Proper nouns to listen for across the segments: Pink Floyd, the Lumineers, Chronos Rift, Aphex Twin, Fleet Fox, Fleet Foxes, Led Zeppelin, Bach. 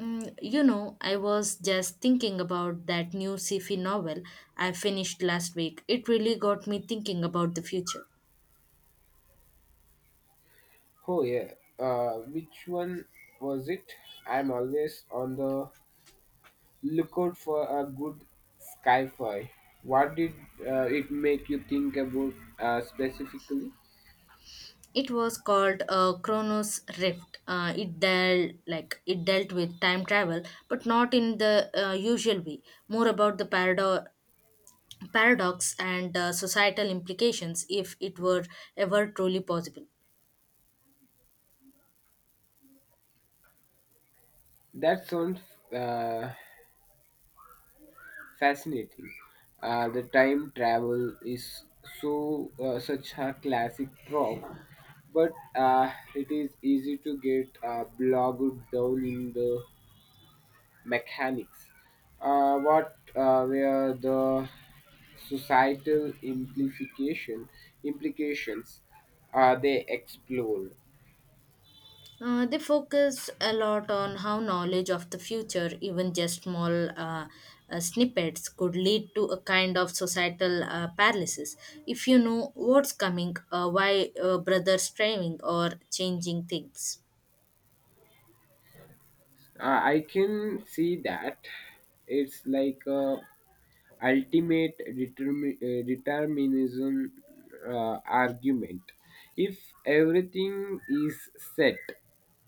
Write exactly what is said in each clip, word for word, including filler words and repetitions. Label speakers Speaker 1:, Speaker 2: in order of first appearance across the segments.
Speaker 1: Mm, you know, I was just thinking about that new sci-fi novel I finished last week. It really got me thinking about the future.
Speaker 2: Oh yeah. Uh, which one was it? I'm always on the lookout for a good sci-fi. What did uh, it make you think about uh, specifically?
Speaker 1: It was called uh, Chronos Rift. Uh, it dealt like it dealt with time travel, but not in the uh, usual way. More about the parado- paradox and uh, societal implications if it were ever truly possible.
Speaker 2: That sounds uh, fascinating. Uh, the time travel is so uh, such a classic trope, but uh, it is easy to get uh, bogged down in the mechanics. Uh, what uh, were the societal implication implications uh, they explored?
Speaker 1: Uh, they focus a lot on how knowledge of the future, even just small uh, uh, snippets, could lead to a kind of societal uh, paralysis. If you know what's coming, uh, why uh, brothers striving or changing things.
Speaker 2: Uh, I can see that it's like a ultimate determi- uh, determinism uh, argument. If everything is set,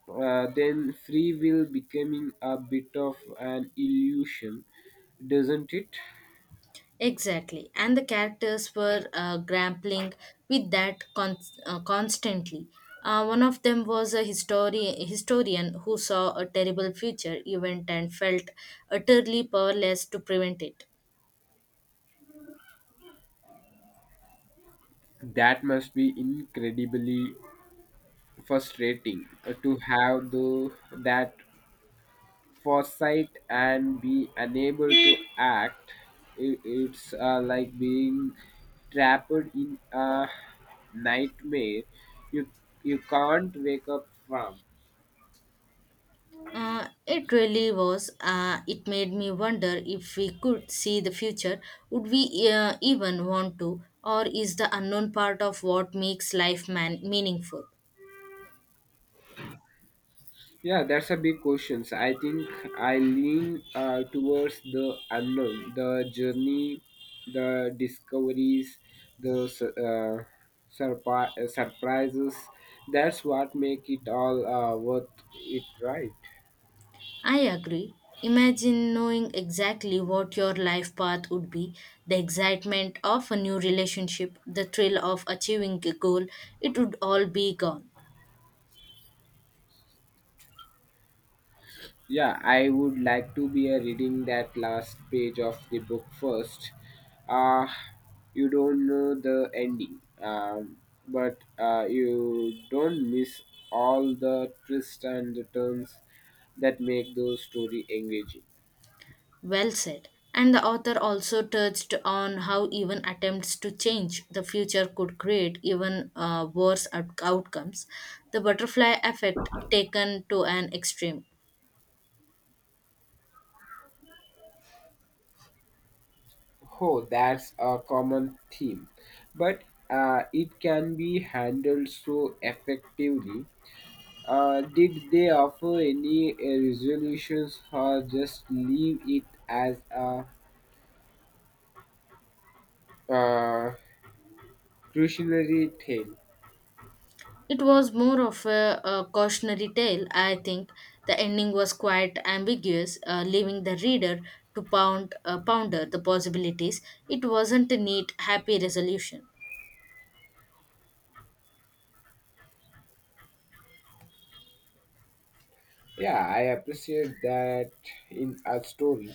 Speaker 2: uh, then free will becoming a bit of an illusion, doesn't it?
Speaker 1: Exactly, and the characters were uh, grappling with that con- uh, constantly. Uh, one of them was a histori- historian who saw a terrible future event and felt utterly powerless to prevent it.
Speaker 2: That must be incredibly frustrating uh, to have the that foresight and be unable to act. I- it's uh, like being trapped in a nightmare you you can't wake up from.
Speaker 1: Uh, it really was. Uh, it made me wonder if we could see the future, would we uh, even want to, or is the unknown part of what makes life man- meaningful?
Speaker 2: Yeah, that's a big question. So, I think I lean uh, towards the unknown, the journey, the discoveries, the su- uh, surpri- uh, surprises. That's what make it all uh, worth it, right?
Speaker 1: I agree. Imagine knowing exactly what your life path would be, the excitement of a new relationship, the thrill of achieving a goal, it would all be gone.
Speaker 2: Yeah, I would like to be uh, reading that last page of the book first. Uh, you don't know the ending, um, but uh, you don't miss all the twists and the turns that make the story engaging.
Speaker 1: Well said. And the author also touched on how even attempts to change the future could create even uh, worse out- outcomes. The butterfly effect taken to an extreme.
Speaker 2: Oh, that's a common theme, but uh, it can be handled so effectively. Uh, did they offer any uh, resolutions or just leave it as a Uh, cautionary tale?
Speaker 1: It was more of a, a cautionary tale, I think. The ending was quite ambiguous, uh, leaving the reader to pound, uh, ponder the possibilities. It wasn't a neat, happy resolution.
Speaker 2: Yeah, I appreciate that in a story.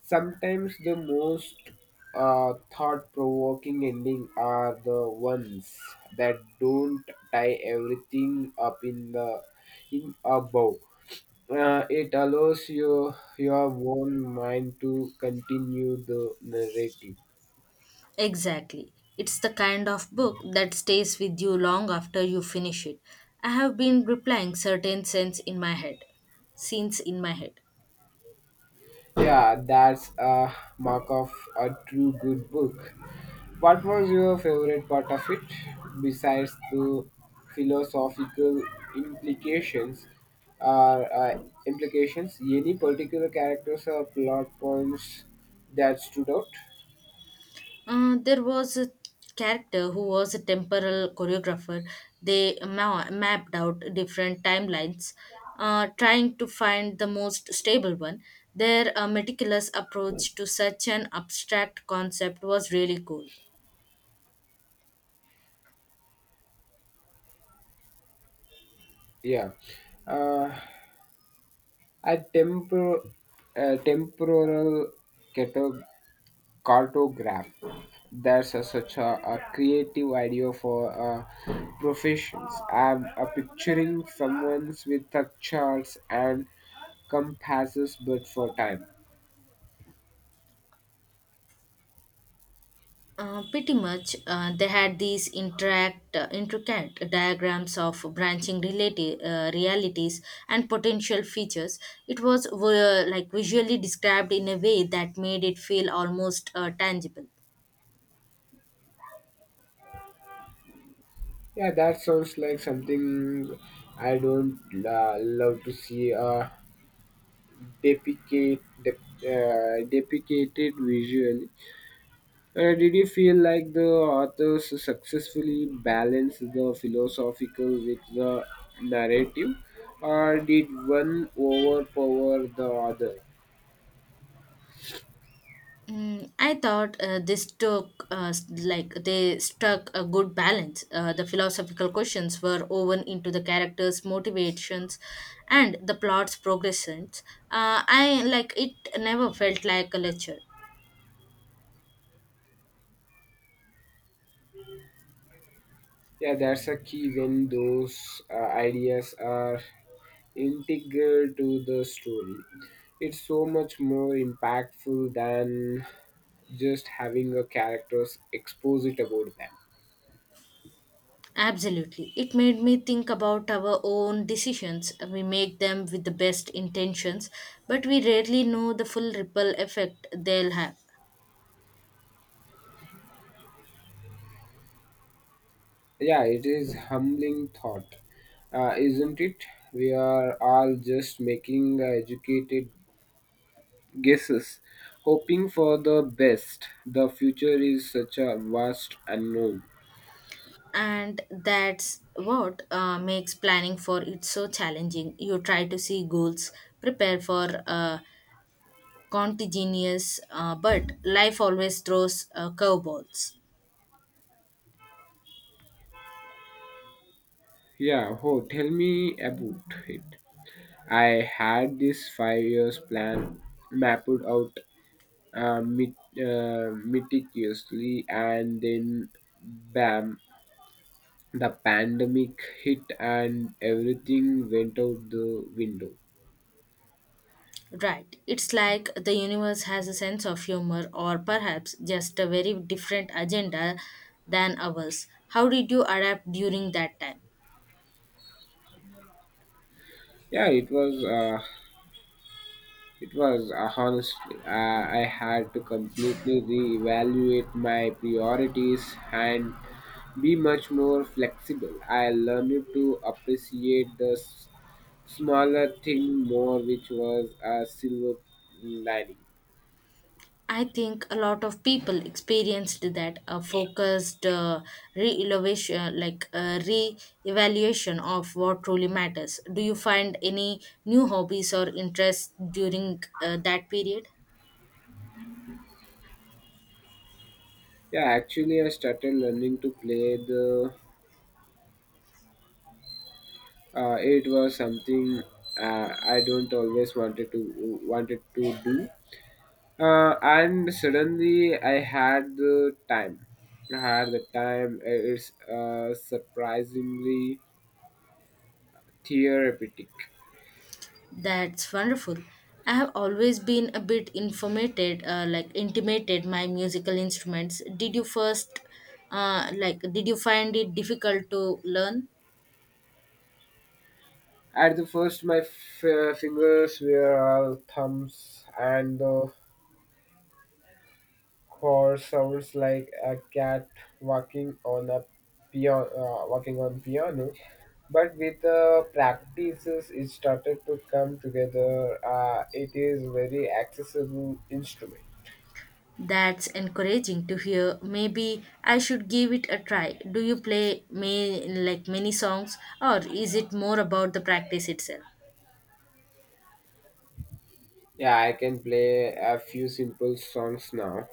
Speaker 2: Sometimes the most uh, thought provoking ending are the ones that don't tie everything up in the in a bow. Uh, it allows your your own mind to continue the narrative.
Speaker 1: Exactly. It's the kind of book that stays with you long after you finish it. I have been replying certain scenes in my head. Scenes in my head.
Speaker 2: Yeah, that's a mark of a true good book. What was your favorite part of it, besides the philosophical implications? Or uh, implications? Any particular characters or plot points that stood out?
Speaker 1: Uh, there was a character who was a temporal choreographer. They ma- mapped out different timelines, uh, trying to find the most stable one. Their uh, meticulous approach to such an abstract concept was really cool.
Speaker 2: Yeah, uh, a temporal, uh, temporal catog- cartograph. That's a, such a, a creative idea for uh, professions. I'm uh, picturing someone with a charts and compasses, but for time.
Speaker 1: Uh, pretty much, uh, they had these interact, uh, intricate diagrams of branching relati- uh, realities and potential features. It was uh, like visually described in a way that made it feel almost uh, tangible.
Speaker 2: Yeah, that sounds like something I don't uh, love to see. Uh, depicate, dep uh, depicted visually. Uh, did you feel like the authors successfully balanced the philosophical with the narrative, or did one overpower the other?
Speaker 1: Mm, I thought uh, this took uh, s- like they struck a good balance. Uh, the philosophical questions were woven into the characters' motivations and the plot's progressions. Uh, I like it never felt like a lecture.
Speaker 2: Yeah, that's a key when those uh, ideas are integral to the story. It's so much more impactful than just having a character's exposit about them.
Speaker 1: Absolutely. It made me think about our own decisions. We make them with the best intentions, but we rarely know the full ripple effect they'll have.
Speaker 2: Yeah, it is humbling thought, uh, isn't it? We are all just making uh, educated guesses, hoping for the best. The future is such a vast unknown.
Speaker 1: And that's what uh, makes planning for it so challenging. You try to see goals, prepare for uh, contingencies, uh, but life always throws uh, curveballs.
Speaker 2: Yeah, oh, tell me about it. I had this five years plan mapped out uh, met- uh, meticulously, and then bam, the pandemic hit and everything went out the window.
Speaker 1: Right. It's like the universe has a sense of humor or perhaps just a very different agenda than ours. How did you adapt during that time?
Speaker 2: Yeah, it was. Uh, it was uh, honestly, Uh, I had to completely reevaluate my priorities and be much more flexible. I learned to appreciate the s- smaller thing more, which was a silver lining.
Speaker 1: I think a lot of people experienced that a focused uh, re-evaluation, like uh, re-evaluation of what truly matters. Do you find any new hobbies or interests during uh, that period?
Speaker 2: Yeah, actually, I started learning to play the. Uh, it was something uh, I don't always wanted to wanted to do, uh, and suddenly I had the time. I had the time. It's uh, surprisingly therapeutic.
Speaker 1: That's wonderful. I have always been a bit informated, uh, like intimated my musical instruments. Did you first, uh, like, did you find it difficult to learn?
Speaker 2: At the first, my f- uh, fingers were all thumbs, and the core sounds like a cat walking on a piano, uh, walking on piano. But with the practices, it started to come together. Uh, it is very accessible instrument.
Speaker 1: That's encouraging to hear. Maybe I should give it a try. Do you play may like many songs, or is it more about the practice itself?
Speaker 2: Yeah, I can play a few simple songs now.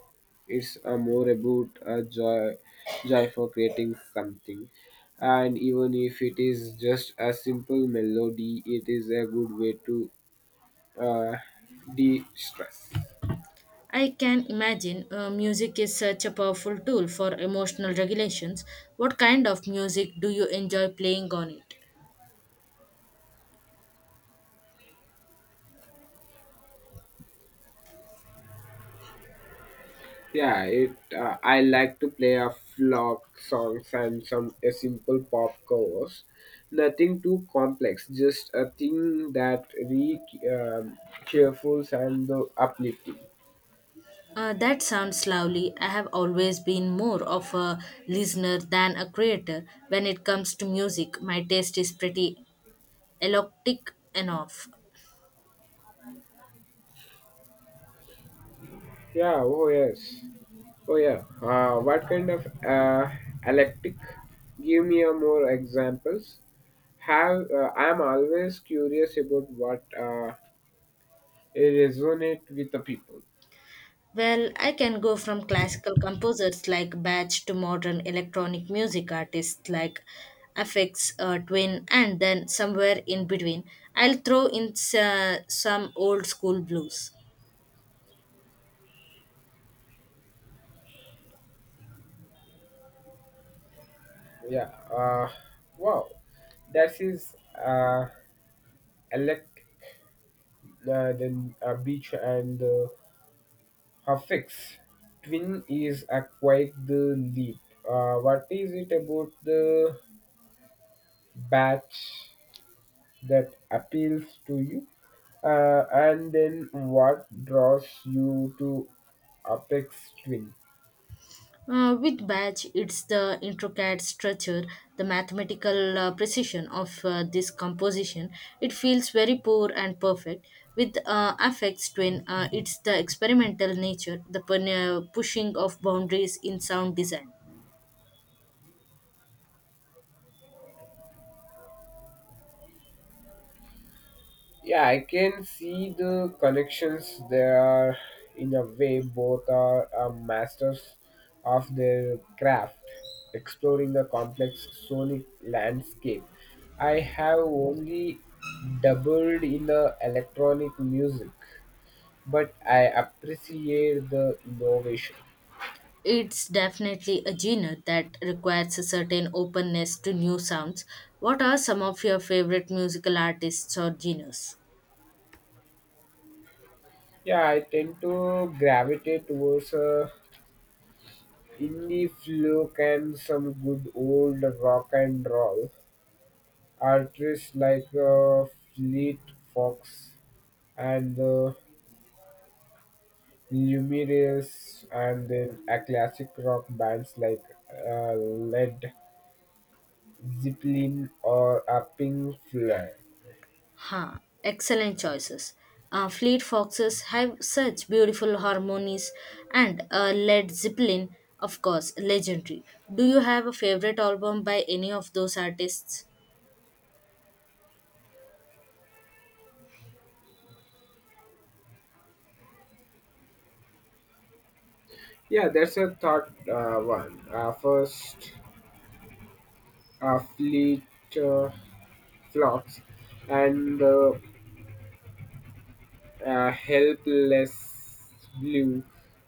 Speaker 2: It's uh, more about a joy, joy for creating something, and even if it is just a simple melody, it is a good way to uh, de-stress.
Speaker 1: I can imagine uh, music is such a powerful tool for emotional regulations. What kind of music do you enjoy playing on it?
Speaker 2: Yeah, it. Uh, I like to play a flock songs and some a simple pop covers. Nothing too complex, just a thing that re um, cheerful and uh, uplifting.
Speaker 1: Uh, that sounds lovely. I have always been more of a listener than a creator. When it comes to music, my taste is pretty eclectic enough.
Speaker 2: Yeah, oh yes. Oh yeah. Uh, what kind of uh, electric? Give me a more examples. Have uh, I am always curious about what uh, it resonate with the people.
Speaker 1: Well, I can go from classical composers like Bach to modern electronic music artists like Aphex uh, Twin, and then somewhere in between, I'll throw in s- uh, some old school blues.
Speaker 2: Yeah. Uh, wow. That is uh, elect uh, then a beach and uh, her Twin is a quite the leap. Uh, what is it about the batch that appeals to you uh, and then what draws you to apex twin?
Speaker 1: Uh, with batch, it's the intricate structure, the mathematical uh, precision of uh, this composition. It feels very poor and perfect. With uh, affects twin, uh, it's the experimental nature, the pun- uh, pushing of boundaries in sound design.
Speaker 2: Yeah, I can see the connections there are in a way both are uh, masters of their craft exploring the complex sonic landscape. I have only doubled in the electronic music, but I appreciate the innovation.
Speaker 1: It's definitely a genre that requires a certain openness to new sounds. What are some of your favorite musical artists or genres?
Speaker 2: Yeah, I tend to gravitate towards uh, indie folk and some good old rock and roll artists like uh, Fleet Fox and the Lumineers, and then a classic rock bands like uh, Led Zeppelin or a Pink Floyd.
Speaker 1: Ha, excellent choices. Uh, Fleet Foxes have such beautiful harmonies, and uh, Led Zeppelin, of course, legendary. Do you have a favorite album by any of those artists?
Speaker 2: Yeah, that's a thought uh, one. Uh, first, uh, Fleet uh, Flocks and uh, uh, helpless blue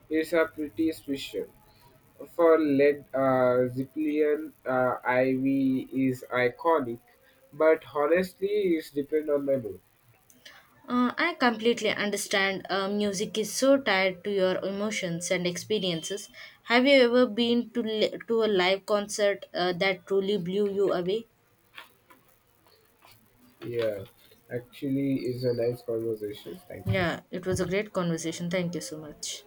Speaker 2: is a pretty special. For lead, uh, Zeppelin uh, ivy is iconic, but honestly, it's depend on my mood.
Speaker 1: Uh, I completely understand uh, music is so tied to your emotions and experiences. Have you ever been to, li- to a live concert uh, that truly blew you away?
Speaker 2: Yeah, actually, it's a nice conversation. Thank you.
Speaker 1: Yeah, it was a great conversation. Thank you so much.